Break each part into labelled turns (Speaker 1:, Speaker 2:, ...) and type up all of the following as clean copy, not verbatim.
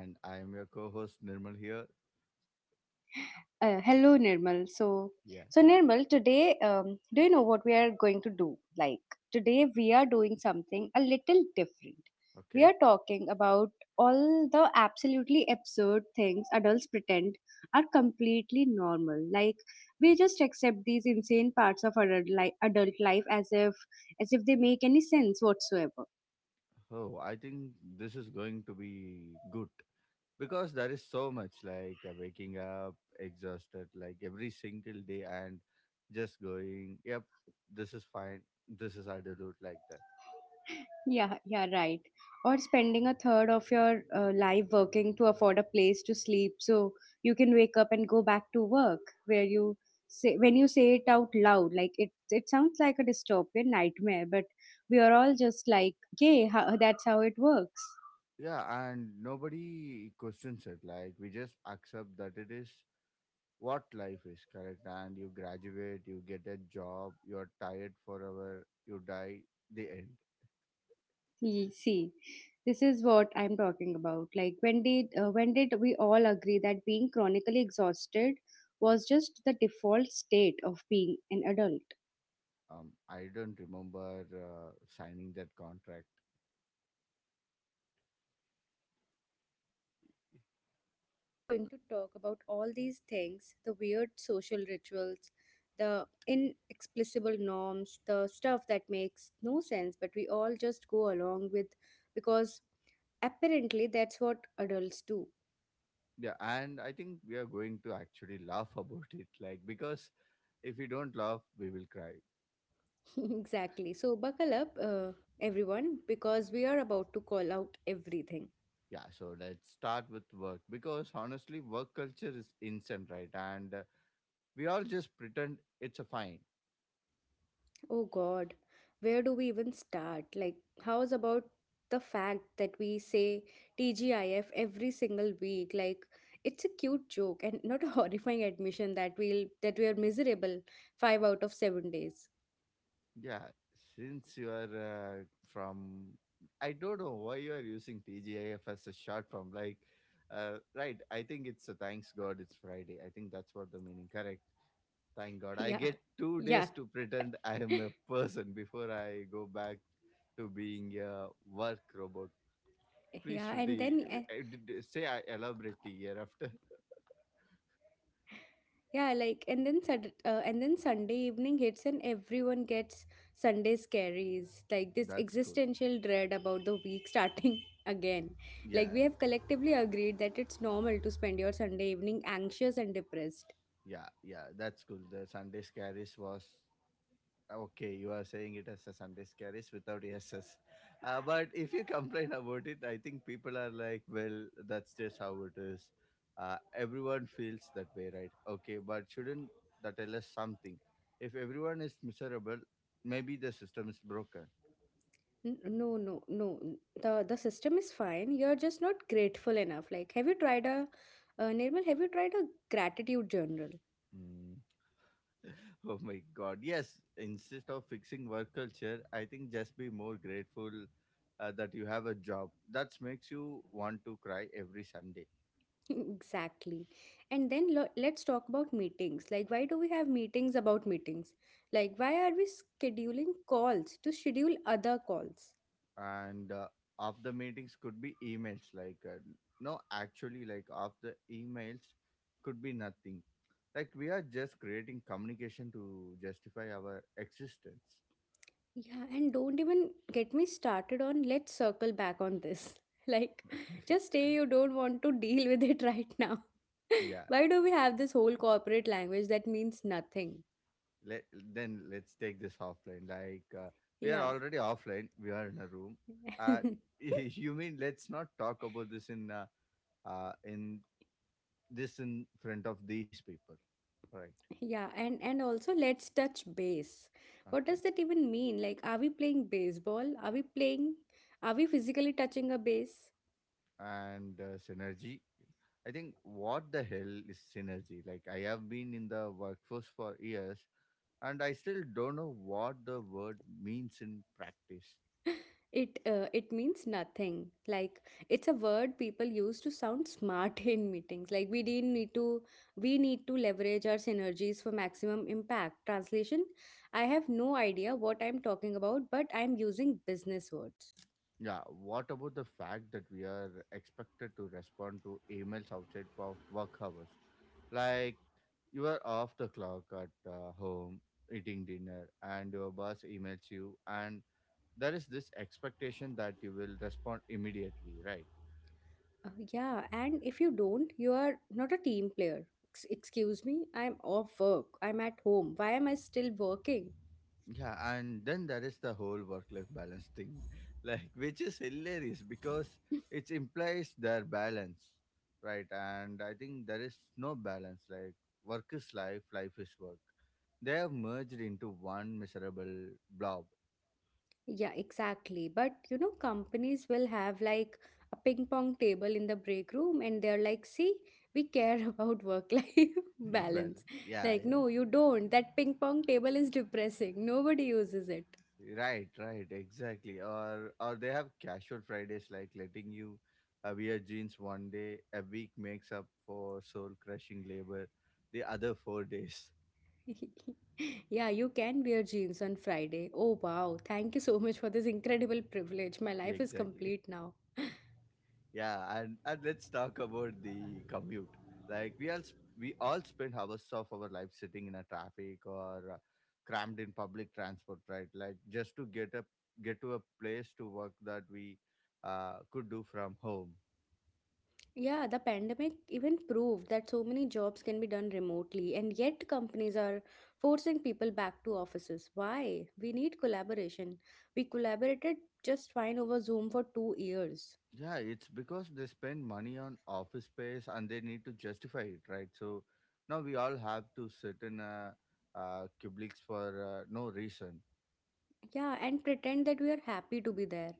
Speaker 1: And I am your co host Nirmal here. Yeah, okay. Oh, I think this is going to be good because there is so much like waking up exhausted like every single day and just going, yep, this is fine, this is adulthood like that. Yeah, and nobody questions it. Like, we just accept that it is what life is, correct? And you graduate, you get a job, you're tired forever, you die, the end. I don't remember signing that contract.
Speaker 2: Yeah. So today we are going to talk about all these things, the weird social rituals, the inexplicable norms, the stuff that makes no sense, but we all just go along with because apparently that's what adults do.
Speaker 1: Yeah, and I think we are going to actually laugh about it, like because if we don't laugh, we will cry.
Speaker 2: Exactly. So buckle up, everyone, because we are about to call out everything.
Speaker 1: Yeah, so let's start with work because honestly, work culture is instant, right? And we all just pretend it's a fine.
Speaker 2: Oh God, where do we even start? Like, how's about the fact that we say TGIF every single week? Like, it's a cute joke and not a horrifying admission that we are miserable five out of 7 days.
Speaker 1: Yeah, since you are from, I don't know why you are using TGIF as a short form. Like, right? I think it's a thanks God it's Friday. I think that's what the meaning. Correct. Thank God. I
Speaker 2: Yeah,
Speaker 1: get two
Speaker 2: yeah,
Speaker 1: days to pretend I am a person before I go back to being a work robot. Please,
Speaker 2: yeah.
Speaker 1: Shruti, say I elaborately hereafter.
Speaker 2: Yeah, like and then and then Sunday evening hits and everyone gets Sunday scaries, like this
Speaker 1: That's cool.
Speaker 2: existential dread about the week starting again. Like
Speaker 1: Yeah,
Speaker 2: we have collectively agreed that it's normal to spend your Sunday evening anxious and depressed.
Speaker 1: yeah. That's cool. The Sunday scaries was okay, you are saying it as a Sunday scaries without ESS. But if you complain about it, I think people are like, well, that's just how it is. Everyone feels that way, right? Okay, but shouldn't that tell us something? If everyone is miserable, maybe the system is broken.
Speaker 2: No, no, no. The system is fine. You're just not grateful enough. Like have you tried a Nirmal, have you tried a gratitude journal?
Speaker 1: Hmm. Oh my God. Yes, instead of fixing work culture, I think just be more grateful that you have a job. That makes you want to cry every Sunday.
Speaker 2: Exactly. And then let's talk about meetings. Like, why do we have meetings about meetings? Like, why are we scheduling calls to schedule other calls?
Speaker 1: And after meetings could be emails like no actually like after emails could be nothing like we are just creating communication to justify our existence.
Speaker 2: Yeah, and don't even get me started on let's circle back on this. Like, just say you don't want to deal with it right now.
Speaker 1: Yeah,
Speaker 2: Why do we have this whole corporate language that means nothing?
Speaker 1: let, then let's take this offline like we are
Speaker 2: Yeah.
Speaker 1: already offline, we are in a room. Uh, you mean let's not talk about this in uh in this in front of these people, right?
Speaker 2: Yeah, and also let's touch base. What
Speaker 1: Okay.
Speaker 2: does that even mean? Like, are we playing baseball? Are we playing? Are we physically touching a base?
Speaker 1: And synergy. I think what the hell is synergy? Like I have been in the workforce for years and I still don't know what the word means in practice.
Speaker 2: It it means nothing. Like it's a word people use to sound smart in meetings. Like we didn't need to. We need to leverage our synergies for maximum impact. Translation: I have no idea what I'm talking about, but I'm using business words.
Speaker 1: Yeah, what about the fact that we are expected to respond to emails outside of work hours? Like you are off the clock at home eating dinner and your boss emails you and there is this expectation that you will respond immediately, right?
Speaker 2: Yeah, and if you don't, you are not a team player. Excuse me, I'm off work. I'm at home. Why am I still working?
Speaker 1: Yeah, and then there is the whole work life balance thing, like which is hilarious because it implies their balance, right? And I think there is no balance, like work is life, life is work. They have merged into one miserable blob.
Speaker 2: Yeah, exactly. But you know, companies will have like a ping pong table in the break room, and they're like, see, we care about work life balance.
Speaker 1: Balance. Yeah,
Speaker 2: Like,
Speaker 1: yeah.
Speaker 2: no, you don't. That ping pong table is depressing. Nobody uses it.
Speaker 1: Right, right, exactly. Or they have casual Fridays like letting you wear jeans one day, a week makes up for soul crushing labor the other 4 days.
Speaker 2: Yeah, you can wear jeans on Friday. Oh, wow. Thank you so much for this incredible privilege. My life
Speaker 1: Yeah,
Speaker 2: is
Speaker 1: exactly.
Speaker 2: complete now.
Speaker 1: Yeah, and let's talk about the commute. Like we all spend hours of our life sitting in a traffic or crammed in public transport, right? Like just to get to a place to work that we could do from home.
Speaker 2: Yeah, the pandemic even proved that so many jobs can be done remotely, and yet companies are forcing people back to offices. Why? We need collaboration. We collaborated just fine over Zoom for 2 years.
Speaker 1: Yeah, it's because they spend money on office space and they need to justify it, right? So now we all have to sit in a cubics for no reason.
Speaker 2: Yeah, and pretend that we are happy to be there.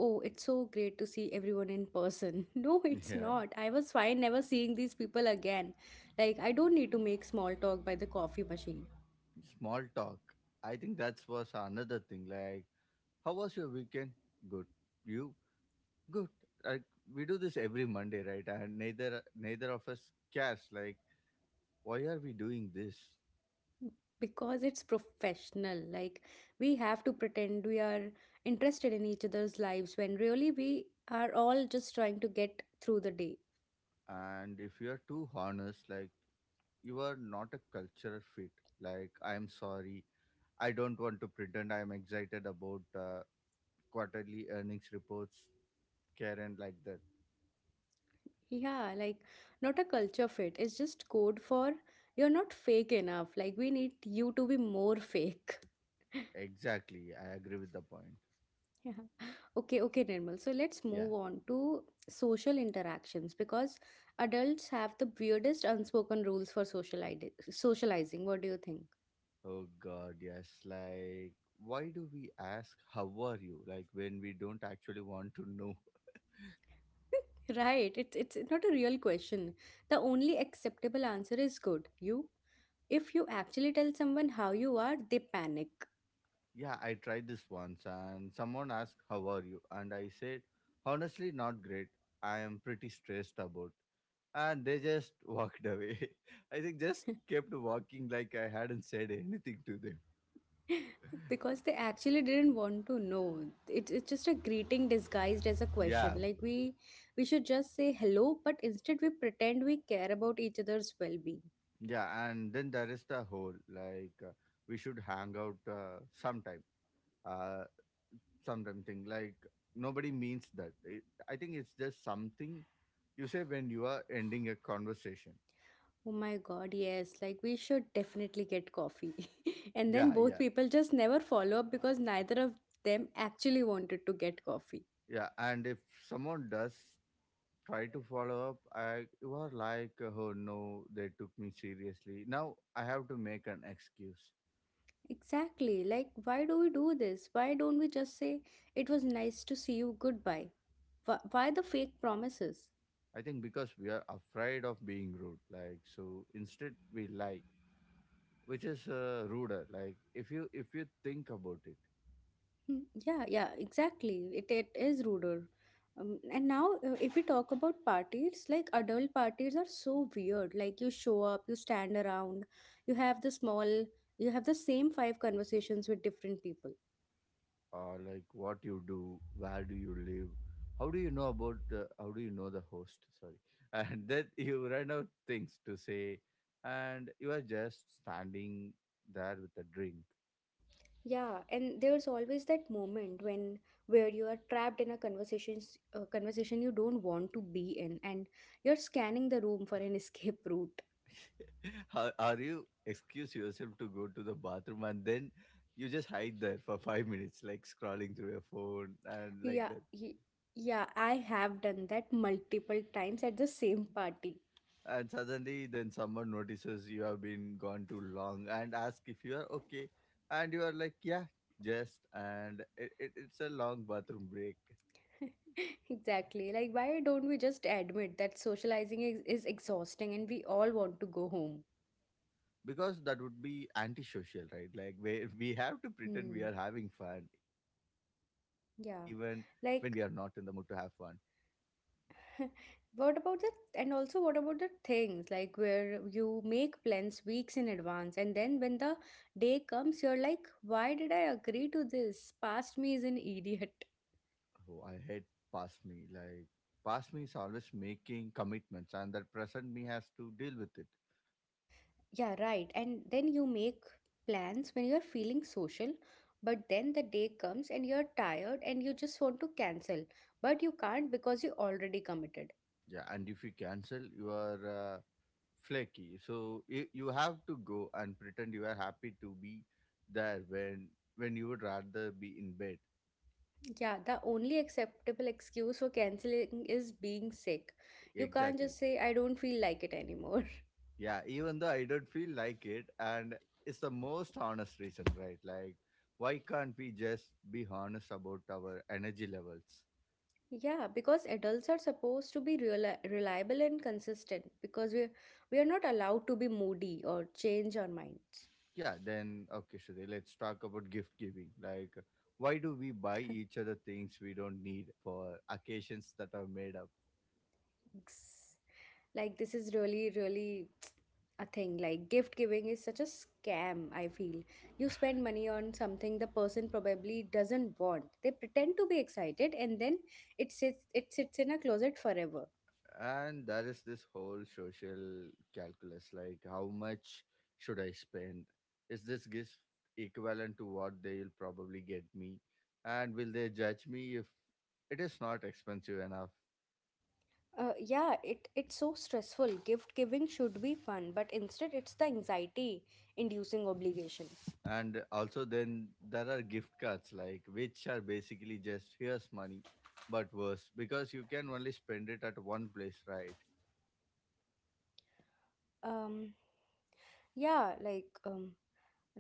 Speaker 2: Oh, it's so great to see everyone in person. No, it's
Speaker 1: Yeah.
Speaker 2: not. I was fine never seeing these people again. Like, I don't need to make small talk by the coffee machine.
Speaker 1: Small talk. I think that was another thing. Like, how was your weekend? Good. You? Good. Like, we do this every Monday, right? And neither of us cares. Like, why are we doing this?
Speaker 2: Because it's professional, like we have to pretend we are interested in each other's lives when really we are all just trying to get through the day.
Speaker 1: And if you are too honest, like, you are not a cultural fit. Like, I am sorry. I don't want to pretend I am excited about quarterly earnings reports, Karen, like that.
Speaker 2: Yeah, like not a culture fit, it's just code for you're not fake enough. Like we need you to be more fake.
Speaker 1: Exactly. I agree with the point.
Speaker 2: Yeah, okay, okay, normal, so let's
Speaker 1: Yeah.
Speaker 2: move on to social interactions because adults have the weirdest unspoken rules for socializing. What do you think?
Speaker 1: Oh God, yes. Like, why do we ask how are you? Like when we don't actually want to know.
Speaker 2: Right. It's not a real question. The only acceptable answer is good. You If you actually tell someone how you are, they panic.
Speaker 1: Yeah, I tried this once and someone asked how are you? And I said, honestly, not great. I am pretty stressed about. And they just walked away. I think just kept walking like I hadn't said anything to them.
Speaker 2: Because they actually didn't want to know. It's just a greeting disguised as a question.
Speaker 1: Yeah,
Speaker 2: Like we should just say hello, but instead we pretend we care about each other's well-being.
Speaker 1: yeah. And then there is the whole like we should hang out sometime. Uh, sometimes think like nobody means that. I think it's just something you say when you are ending a conversation.
Speaker 2: Oh my god, yes. Like we should definitely get coffee. And then
Speaker 1: Yeah,
Speaker 2: both
Speaker 1: yeah,
Speaker 2: people just never follow up because neither of them actually wanted to get coffee.
Speaker 1: yeah. And if someone does try to follow up, I you are like, oh no, they took me seriously. Now I have to make an excuse.
Speaker 2: Exactly. Like, why do we do this? Why don't we just say, it was nice to see you, goodbye? Why the fake promises?
Speaker 1: I think because we are afraid of being rude, like so instead we lie, which is ruder. Like if you think about it.
Speaker 2: Hmm. Yeah, yeah, exactly. It is ruder. And now, if we talk about parties, like adult parties are so weird. Like, you show up, you stand around, you have the small, you have the same 5 conversations with different people.
Speaker 1: Like what you do, where do you live, how do you know the host? Sorry, and then you run out things to say, and you are just standing there with a drink.
Speaker 2: Yeah, and there's always that moment when where you are trapped in a conversation you don't want to be in, and you're scanning the room for an escape route.
Speaker 1: How are you excuse yourself to go to the bathroom and then you just hide there for 5 minutes, like scrolling through your phone and like
Speaker 2: Yeah,
Speaker 1: that.
Speaker 2: y- yeah, I have done that multiple times at the same party.
Speaker 1: And suddenly then someone notices you have been gone too long and ask if you are okay and you are like yeah just and it's a long bathroom break
Speaker 2: Exactly. Like, why don't we just admit that socializing is exhausting and we all want to go home?
Speaker 1: because that would be antisocial, right? Like we have to pretend we are
Speaker 2: Hmm.
Speaker 1: having fun even when we are not
Speaker 2: Yeah.
Speaker 1: in the mood to have
Speaker 2: Like
Speaker 1: fun.
Speaker 2: What about the and also what about the things like where you make plans weeks in advance, and then when the day comes you're like, why did I agree to this? Past me is an idiot.
Speaker 1: Oh, I hate past me. Like past me is always making commitments and that present me has to deal with it.
Speaker 2: Yeah, right, and then you make plans when you're feeling social, but then the day comes and you're tired and you just want to cancel, but you can't because you already committed.
Speaker 1: Yeah, and if you cancel, you are uh, flaky. So you have to go and pretend you are happy to be there when you would rather be in bed.
Speaker 2: Yeah, the only acceptable excuse for canceling is being sick. You can't
Speaker 1: Exactly.
Speaker 2: just say I don't feel like it anymore.
Speaker 1: Yeah, even though I don't feel like it, and it's the most honest reason, right? Like, why can't we just be honest about our energy levels?
Speaker 2: Yeah, because adults are supposed to be real, reliable and consistent, because we are not allowed to be moody or change our minds.
Speaker 1: Yeah, then okay, Shade, let's talk about gift giving. Like, why do we buy each other things we don't need for occasions that are made up?
Speaker 2: Ex- Like this is really really a thing. Like gift giving is such a scam, I feel. You spend money on something the person probably doesn't want. They pretend to be excited and then it sits in a closet forever.
Speaker 1: And there is this whole social calculus like how much should I spend, is this gift equivalent to what they'll probably get me, and will they judge me if it is not expensive enough.
Speaker 2: Yeah, it's so stressful. Gift giving should be fun, but instead it's the anxiety inducing obligation.
Speaker 1: And also then there are gift cards like which are basically just here's money but worse because you can only spend it at one place, right?
Speaker 2: Um, yeah, like, um,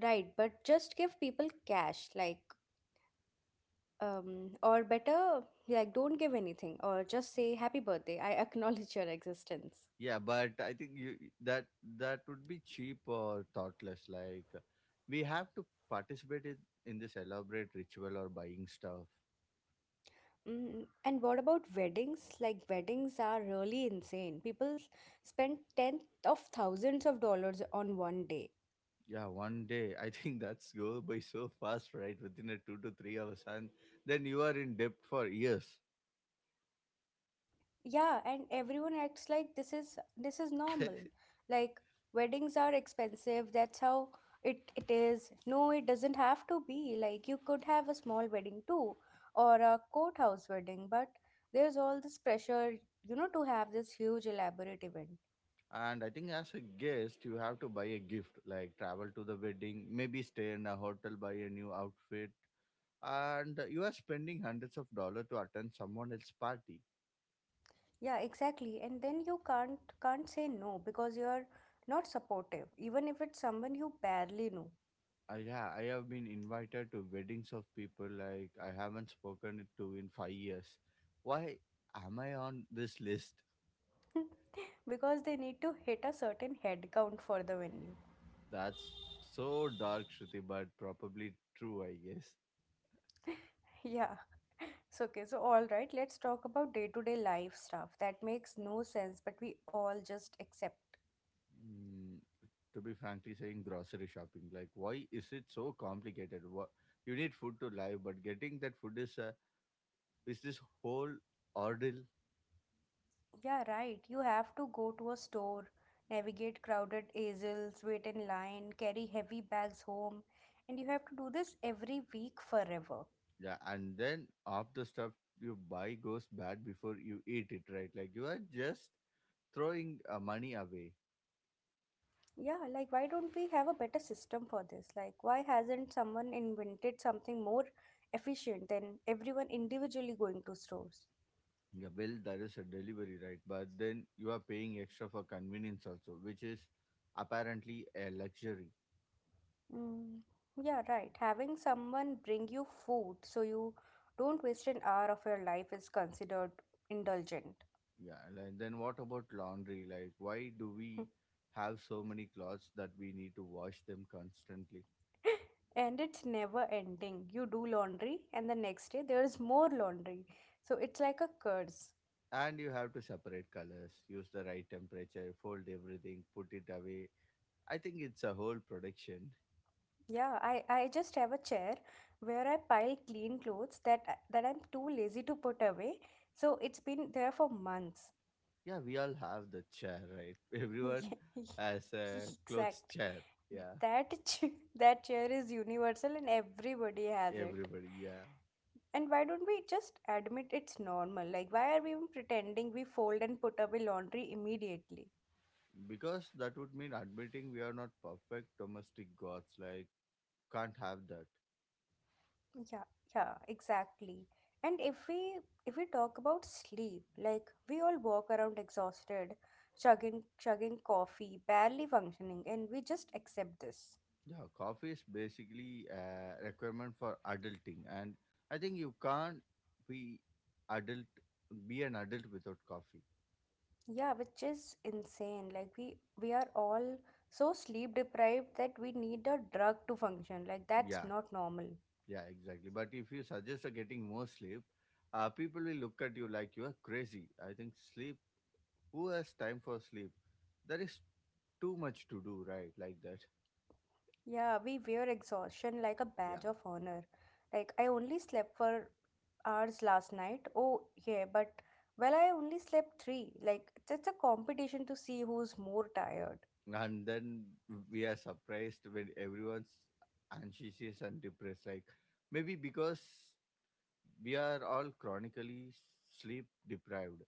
Speaker 2: right, but just give people cash. Like, um, or better, like don't give anything or just say happy birthday. I acknowledge your existence.
Speaker 1: Yeah, but I think you that that would be cheap or thoughtless. Like we have to participate in, in this elaborate ritual or buying stuff.
Speaker 2: Mm, and what about weddings? Like weddings are really insane. People spend tenth of thousands of dollars on one day.
Speaker 1: Yeah, one day I think that's go by so fast, right? Within a 2 to 3 hours, and then you are in debt for years.
Speaker 2: Yeah, and everyone acts like this is normal. Like weddings are expensive, that's how it is. No, it doesn't have to be. Like you could have a small wedding too, or a courthouse wedding, but there's all this pressure, you know, to have this huge elaborate event.
Speaker 1: And I think as a guest, you have to buy a gift, like travel to the wedding, maybe stay in a hotel, buy a new outfit, and you are spending hundreds of dollars to attend someone else's party.
Speaker 2: Yeah, exactly. And then you can't say no because you're not supportive, even if it's someone you barely know.
Speaker 1: I, yeah, I have been invited to weddings of people like I haven't spoken it to in 5 years. Why am I on this list?
Speaker 2: Because they need to hit a certain head count for the venue.
Speaker 1: That's so dark, Shruti, but probably true, I guess.
Speaker 2: Yeah. So, okay, so all right, let's talk about day to day life stuff that makes no sense, but we all just accept.
Speaker 1: Mm, to be frankly saying, grocery shopping. Like, why is it so complicated? What you need food to live, but getting that food is a is this whole ordeal.
Speaker 2: Yeah, right. You have to go to a store, navigate crowded aisles, wait in line, carry heavy bags home, and you have to do this every week forever.
Speaker 1: Yeah, and then half the stuff you buy goes bad before you eat it, right? Like you are just throwing money away.
Speaker 2: Yeah, like why don't we have a better system for this? Like, why hasn't someone invented something more efficient than everyone individually going to stores?
Speaker 1: Yeah, well, that is a delivery, right? But then you are paying extra for convenience also, which is apparently a luxury.
Speaker 2: Mm, yeah, right. Having someone bring you food so you don't waste an hour of your life is considered indulgent.
Speaker 1: Yeah, and then what about laundry? Like, why do we have so many clothes that we need to wash them constantly?
Speaker 2: And it's never ending. You do laundry, and the next day there is more laundry. So it's like a curse.
Speaker 1: And you have to separate colors, use the right temperature, fold everything, put it away. I think it's a whole production.
Speaker 2: Yeah, I just have a chair where I pile clean clothes that I'm too lazy to put away. So it's been there for months.
Speaker 1: Yeah, we all have the chair, right? Everyone has a clothes
Speaker 2: Exactly.
Speaker 1: chair. Yeah,
Speaker 2: that ch- that chair is universal and everybody has it.
Speaker 1: everybody. Yeah,
Speaker 2: And why don't we just admit it's normal? Like why are we even pretending we fold and put away laundry immediately?
Speaker 1: because that would mean admitting we are not perfect domestic gods, like can't have that.
Speaker 2: Yeah, yeah, exactly. And if we if we talk about sleep, like we all walk around exhausted, chugging coffee, barely functioning, and we just accept this.
Speaker 1: Yeah, coffee is basically a requirement for adulting, and I think you can't be adult be an adult without coffee.
Speaker 2: Yeah, which is insane. Like we are all so sleep deprived that we need a drug to function. Like that's
Speaker 1: Yeah,
Speaker 2: not normal.
Speaker 1: yeah, exactly. But if you suggest getting more sleep, people will look at you like you are crazy. I think sleep, who has time for sleep? There is too much to do, right? Like that.
Speaker 2: Yeah, we wear exhaustion like a badge
Speaker 1: Yeah,
Speaker 2: of honor. Like I only slept for hours last night. Oh yeah, but well I only slept three. Like it's a competition to see who's more tired.
Speaker 1: and then we are surprised when everyone's anxious and depressed, like maybe because we are all chronically sleep deprived.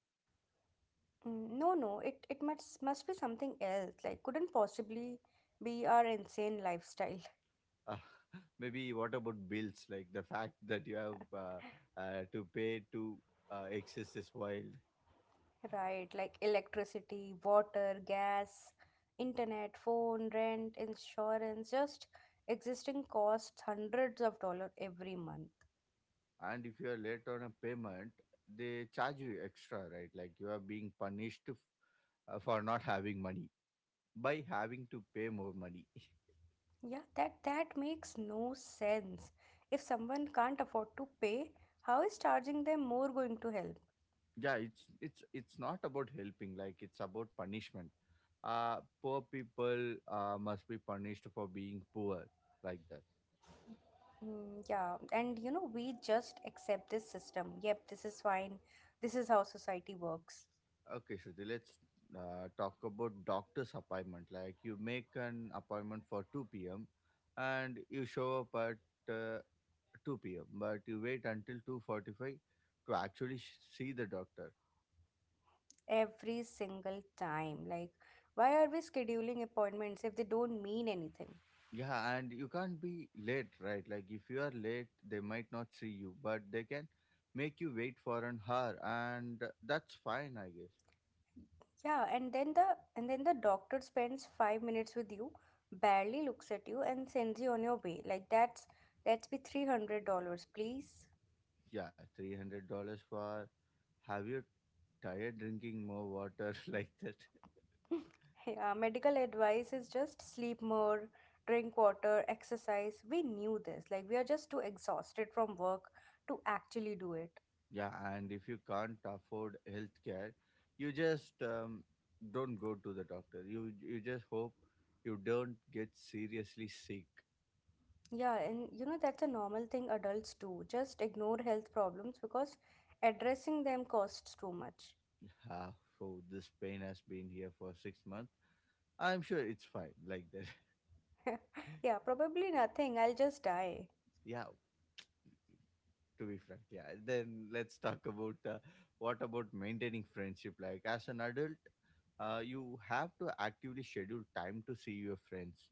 Speaker 2: Mm, no, no, it must be something else. Like couldn't possibly be our insane lifestyle.
Speaker 1: uh, Maybe what about bills? Like the fact that you have to pay to access is wild.
Speaker 2: Right, like electricity, water, gas, internet, phone, rent, insurance, just existing costs hundreds of dollars every month.
Speaker 1: And if you are late on a payment, they charge you extra, right? Like you are being punished for not having money by having to pay more money.
Speaker 2: Yeah, that makes no sense. If someone can't afford to pay, how is charging them more going to help?
Speaker 1: Yeah, it's not about helping, like it's about punishment. uh Poor people must be punished for being poor, like that.
Speaker 2: Mm, yeah, and you know, we just accept this system. Yep, this is fine. This is how society works.
Speaker 1: Okay, Shruti, let's talk about doctor's appointment. Like you make an appointment for 2 p.m. and you show up at 2 p.m. but you wait until 2:45 to actually see the doctor.
Speaker 2: Every single time. Like, why are we scheduling appointments if they don't mean anything?
Speaker 1: Yeah, and you can't be late, right? Like if you are late, they might not see you, but they can make you wait for an hour, and that's fine, I guess.
Speaker 2: Yeah, and then the doctor spends 5 minutes with you, barely looks at you, and sends you on your way. Like that's be $300, please.
Speaker 1: Yeah, $300 for, "Have you tired drinking more water?" Like that?
Speaker 2: Yeah, medical advice is just sleep more, drink water, exercise. We knew this. Like we are just too exhausted from work to actually do it.
Speaker 1: Yeah, and if you can't afford healthcare, you just don't go to the doctor. You just hope you don't get seriously sick.
Speaker 2: Yeah, and you know that's a normal thing adults do. Just ignore health problems because addressing them costs too much.
Speaker 1: Yeah, so this pain has been here for 6 months. I'm sure it's fine, like that.
Speaker 2: Yeah, probably nothing. I'll just die.
Speaker 1: Yeah, to be frank. Yeah, then let's talk about what about maintaining friendship? Like as an adult, you have to actively schedule time to see your friends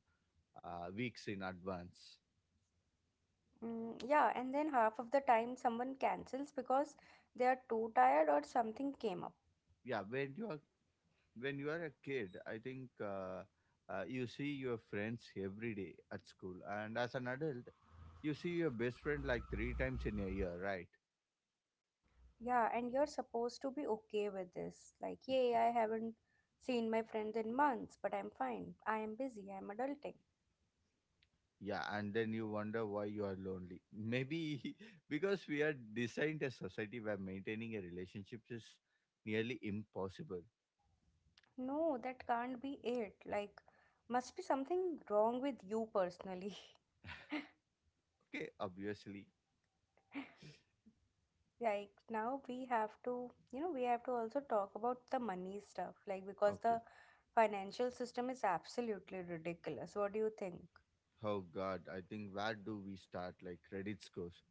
Speaker 1: weeks in advance.
Speaker 2: Mm, yeah, and then half of the time someone cancels because they are too tired or something came up.
Speaker 1: Yeah, when you are a kid, I think you see your friends every day at school, and as an adult you see your best friend like three times in a year, right?
Speaker 2: Yeah, and you're supposed to be okay with this. Like, yay, I haven't seen my friends in months, but I'm fine. I am busy. I'm adulting.
Speaker 1: Yeah, and then you wonder why you are lonely. Maybe because we are designed a society where maintaining a relationship is nearly impossible.
Speaker 2: No, that can't be it. Like, must be something wrong with you personally.
Speaker 1: Okay, obviously.
Speaker 2: Like, now we have to, we have to also talk about the money stuff. Like, because
Speaker 1: Okay.
Speaker 2: the financial system is absolutely ridiculous. What do you think?
Speaker 1: Oh God, I think, where do we start? Like credit scores.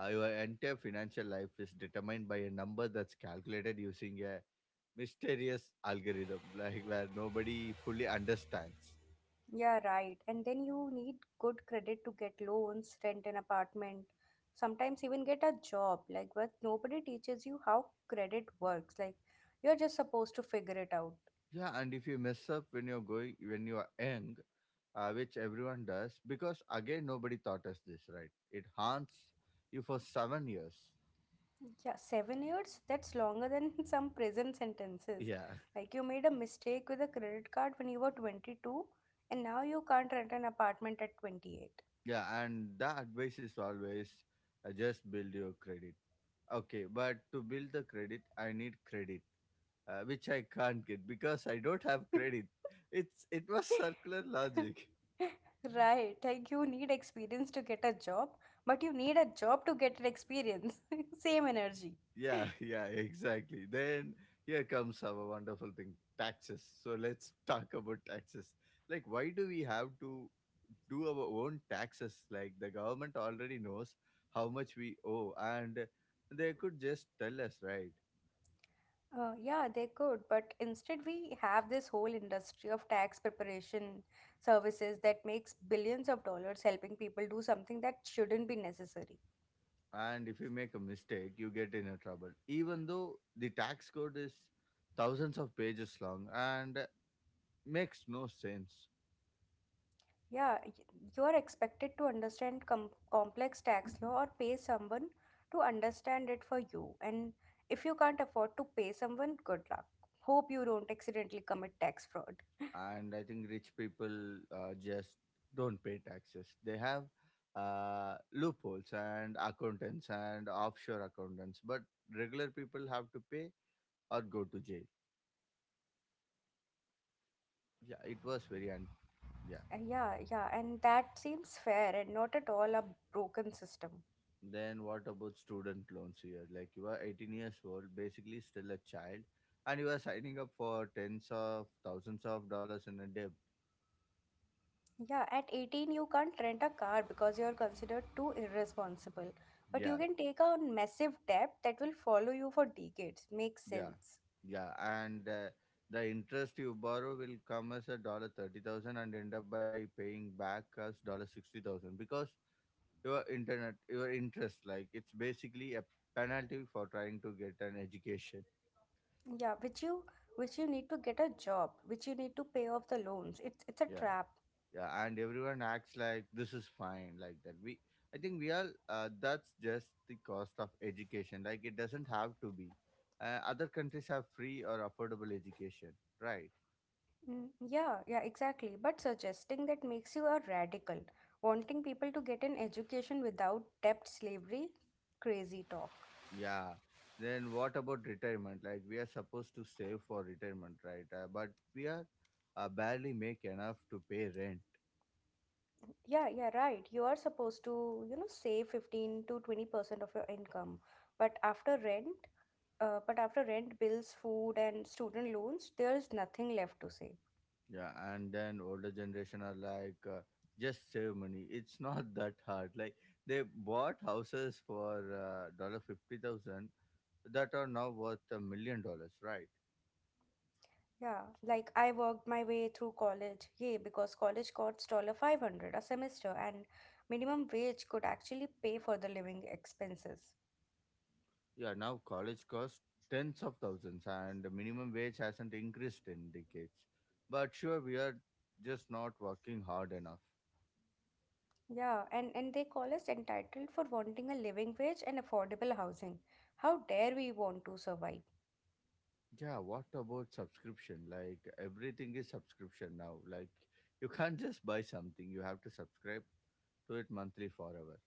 Speaker 1: Your entire financial life is determined by a number that's calculated using a mysterious algorithm, like where nobody fully understands.
Speaker 2: Yeah, right. And then you need good credit to get loans, rent an apartment, sometimes even get a job. Like, but nobody teaches you how credit works. Like, you're just supposed to figure it out.
Speaker 1: Yeah, and if you mess up when you're going when you are young, which everyone does, because again nobody taught us this, right? It haunts you for 7 years.
Speaker 2: Yeah, 7 years? That's longer than some prison sentences.
Speaker 1: Yeah,
Speaker 2: Like, you made a mistake with a credit card when you were 22, and now you can't rent an apartment at 28.
Speaker 1: yeah, and the advice is always just build your credit. Okay, but to build the credit, I need credit, which I can't get because I don't have credit. It was circular logic.
Speaker 2: Right, like you need experience to get a job, but you need a job to get an experience. Same energy.
Speaker 1: Yeah, yeah, exactly. Then here comes our wonderful thing: taxes. So let's talk about taxes. Like, why do we have to do our own taxes? Like, the government already knows how much we owe, and they could just tell us, right?
Speaker 2: Yeah, they could, but instead we have this whole industry of tax preparation services that makes billions of dollars helping people do something that shouldn't be necessary.
Speaker 1: And if you make a mistake, you get in a trouble, even though the tax code is thousands of pages long and makes no sense.
Speaker 2: Yeah, y- you are expected to understand complex tax law or pay someone to understand it for you. And if you can't afford to pay someone, good luck. Hope you don't accidentally commit tax fraud.
Speaker 1: And I think rich people just don't pay taxes. They have loopholes and accountants and offshore accountants, but regular people have to pay or go to jail. Yeah it was very un- Yeah.
Speaker 2: Yeah, yeah, and that seems fair and not at all a broken system.
Speaker 1: Then what about student loans here? Like you are 18 years old, basically still a child, and you are signing up for tens of thousands of dollars in a debt.
Speaker 2: Yeah, at 18, you can't rent a car because you're considered too irresponsible. But you
Speaker 1: Yeah.
Speaker 2: can take on massive debt that will follow you for decades. Makes
Speaker 1: Yeah,
Speaker 2: sense.
Speaker 1: yeah, and the interest you borrow will come as a $30,000 and end up by paying back as $60,000, because your interest, like it's basically a penalty for trying to get an education.
Speaker 2: Yeah, which you need to get a job, which you need to pay off the loans. It's a
Speaker 1: Yeah,
Speaker 2: trap.
Speaker 1: yeah, and everyone acts like this is fine, like that. I think we all, that's just the cost of education. Like it doesn't have to be. Other countries have free or affordable education, right?
Speaker 2: Mm, yeah, yeah, exactly, but suggesting that makes you a radical, wanting people to get an education without debt slavery. Crazy talk.
Speaker 1: Yeah. Then what about retirement? Like we are supposed to save for retirement, right? But we are barely make enough to pay rent.
Speaker 2: Yeah, yeah, right, you are supposed to, save 15 to 20% of your income, but after rent, bills, food, and student loans, there is nothing left to save.
Speaker 1: Yeah, and then older generation are like, just save money. It's not that hard. Like they bought houses for $50,000 that are now worth $1 million, right?
Speaker 2: Yeah, like I worked my way through college. Yay, because college costs 500 a semester and minimum wage could actually pay for the living expenses.
Speaker 1: Yeah, now college costs tens of thousands, and the minimum wage hasn't increased in decades. But sure, we are just not working hard enough.
Speaker 2: Yeah, and they call us entitled for wanting a living wage and affordable housing. How dare we want to survive?
Speaker 1: Yeah, what about subscription? Like everything is subscription now. Like you can't just buy something, you have to subscribe to it monthly forever.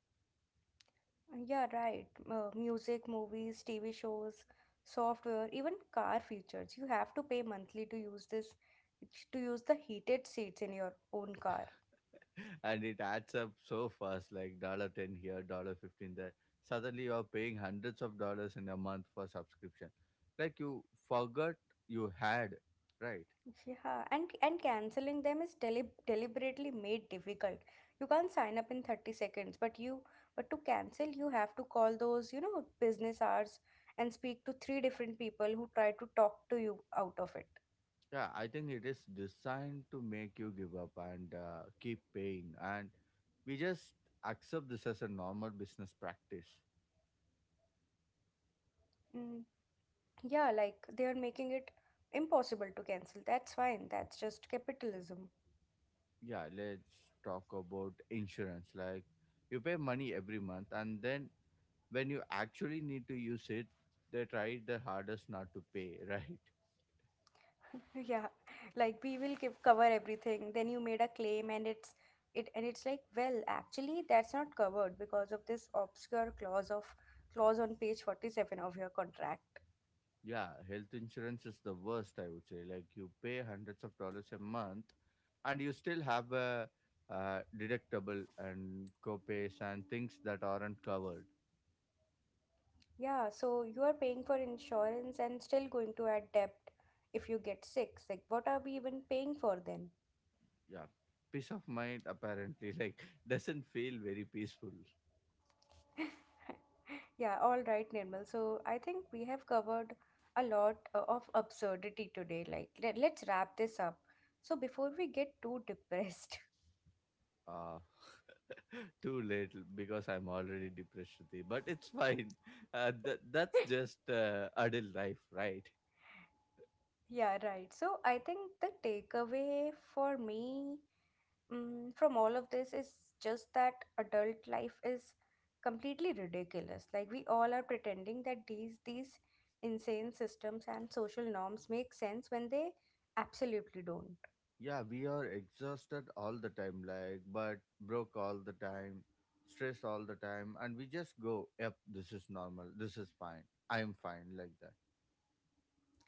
Speaker 2: Yeah, right. Music, movies, TV shows, software, even car features. You have to pay monthly to use this, to use the heated seats in your own car.
Speaker 1: And it adds up so fast, like $10 here, $15 there. Suddenly you are paying hundreds of dollars in a month for subscription. Like you forgot you had, right?
Speaker 2: Yeah, and canceling them is deliberately made difficult. You can't sign up in 30 seconds, but you but to cancel you have to call those, business hours and speak to three different people who try to talk to you out of it.
Speaker 1: Yeah, I think it is designed to make you give up and keep paying. And we just accept this as a normal business practice.
Speaker 2: Mm, yeah, like they are making it impossible to cancel. That's fine. That's just capitalism.
Speaker 1: Yeah, let's talk about insurance. Like you pay money every month, and then when you actually need to use it, they try their hardest not to pay, right?
Speaker 2: Yeah, like we will give cover everything. Then you made a claim and it's it and it's like, well, actually that's not covered because of this obscure clause on page 47 of your contract.
Speaker 1: Yeah, health insurance is the worst, I would say. Like you pay hundreds of dollars a month, and you still have a deductible and copays and things that aren't covered.
Speaker 2: Yeah, so you are paying for insurance and still going to add debt if you get sick. Like what are we even paying for then?
Speaker 1: Yeah, peace of mind, apparently. Like doesn't feel very peaceful.
Speaker 2: Yeah, all right, Nirmal. So I think we have covered a lot of absurdity today. Like, let's wrap this up. So before we get too depressed,
Speaker 1: Uh, Too late, because I'm already depressed, Shruti. But it's fine. That's just adult life, right?
Speaker 2: yeah, right. So I think the takeaway for me, from all of this, is just that adult life is completely ridiculous. Like we all are pretending that these insane systems and social norms make sense when they absolutely don't.
Speaker 1: Yeah, we are exhausted all the time, like, but broke all the time, stressed all the time, and we just go, yep, this is normal, this is fine, I'm fine, like that.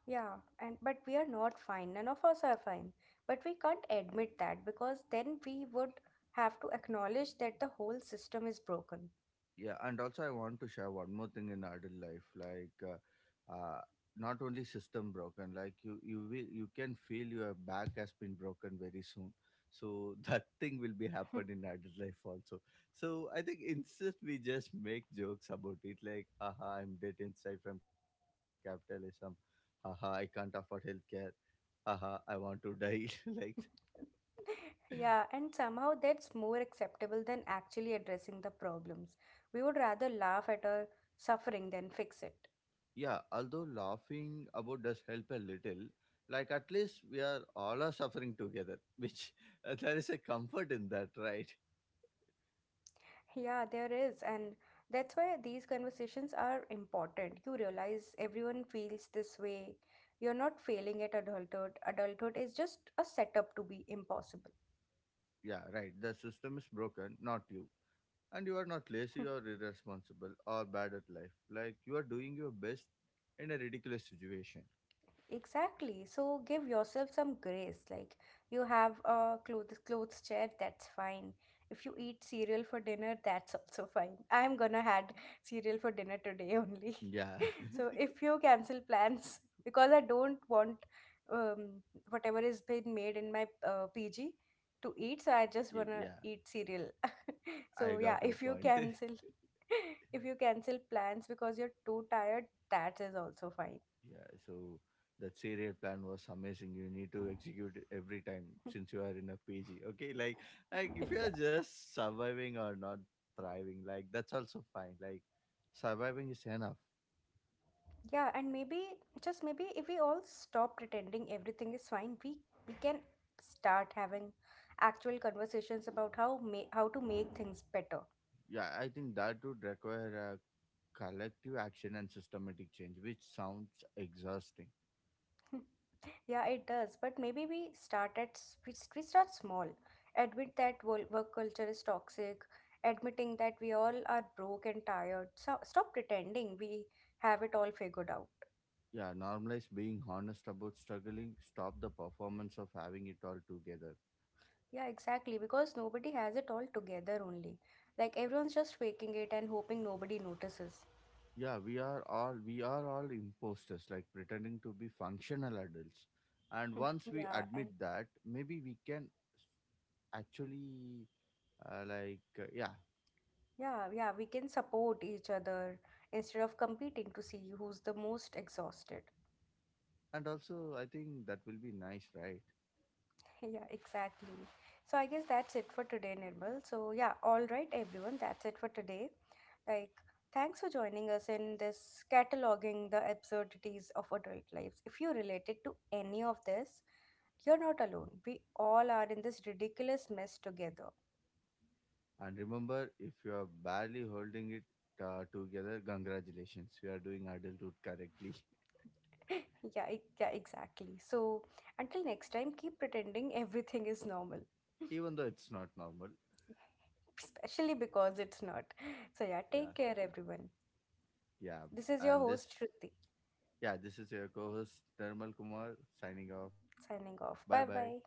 Speaker 2: Yeah, and but we are not fine. None of us are fine. But we can't admit that because then we would have to acknowledge that the whole system is broken.
Speaker 1: Yeah, and also I want to share one more thing in adult life. Like not only system broken, like you can feel your back has been broken very soon. So that thing will be happen in adult life also. So I think instead we just make jokes about it, like, "Haha, I'm dead inside from capitalism, haha, I can't afford healthcare, haha, I want to die." Like.
Speaker 2: Yeah, and somehow that's more acceptable than actually addressing the problems. We would rather laugh at our suffering than fix it.
Speaker 1: Yeah, although laughing about does help a little, like at least we are all are suffering together, which there is a comfort in that, right?
Speaker 2: Yeah, there is, and that's why these conversations are important. You realize everyone feels this way. You're not failing at adulthood. Adulthood is just a setup to be impossible.
Speaker 1: Yeah, right. The system is broken, not you. And you are not lazy or irresponsible or bad at life. Like you are doing your best in a ridiculous situation.
Speaker 2: Exactly. So give yourself some grace. Like you have a clothes chair, that's fine. If you eat cereal for dinner, that's also fine. I'm gonna had cereal for dinner today only.
Speaker 1: Yeah.
Speaker 2: So if you cancel plans because I don't want um, whatever is been made in my PG to eat, so I just wanna
Speaker 1: Yeah,
Speaker 2: eat cereal.
Speaker 1: I
Speaker 2: So yeah,
Speaker 1: got your
Speaker 2: if you
Speaker 1: point.
Speaker 2: cancel, if you cancel plans because you're too tired, that is also fine.
Speaker 1: Yeah, so that serial plan was amazing. You need to execute it every time since you are in a PG. Okay, like if you
Speaker 2: Yeah.
Speaker 1: are just surviving or not thriving, like that's also fine. Like surviving is enough.
Speaker 2: Yeah, and maybe, just maybe, if we all stop pretending everything is fine, we can start having actual conversations about how to make things better.
Speaker 1: Yeah, I think that would require a collective action and systematic change, which sounds exhausting.
Speaker 2: Yeah, it does, but maybe we start at s- we start small. Admit that work culture is toxic. Admitting that we all are broke and tired, so stop pretending we have it all figured out.
Speaker 1: Yeah, normalize being honest about struggling, stop the performance of having it all together.
Speaker 2: Yeah, exactly, because nobody has it all together only, like everyone's just faking it and hoping nobody notices.
Speaker 1: Yeah, we are all imposters, like pretending to be functional adults. And once we
Speaker 2: Yeah,
Speaker 1: admit
Speaker 2: and
Speaker 1: that, maybe we can s- actually yeah.
Speaker 2: yeah, we can support each other instead of competing to see who's the most exhausted.
Speaker 1: And also I think that will be nice, right?
Speaker 2: Yeah, exactly. So I guess that's it for today, Nirmal. So yeah, all right, everyone, that's it for today. Like, thanks for joining us in this cataloging the absurdities of adult lives. If you related to any of this, you're not alone. We all are in this ridiculous mess together.
Speaker 1: And remember, if you are barely holding it together, congratulations, you are doing adulthood correctly.
Speaker 2: Yeah, exactly. So until next time, keep pretending everything is normal,
Speaker 1: Even though it's not normal.
Speaker 2: especially because it's not. So yeah,
Speaker 1: Yeah.
Speaker 2: take care, everyone.
Speaker 1: Yeah,
Speaker 2: This is your
Speaker 1: and
Speaker 2: host
Speaker 1: this,
Speaker 2: Shruti
Speaker 1: yeah, this is your co-host thermal kumar, signing off, bye bye.
Speaker 2: signing off. Bye bye.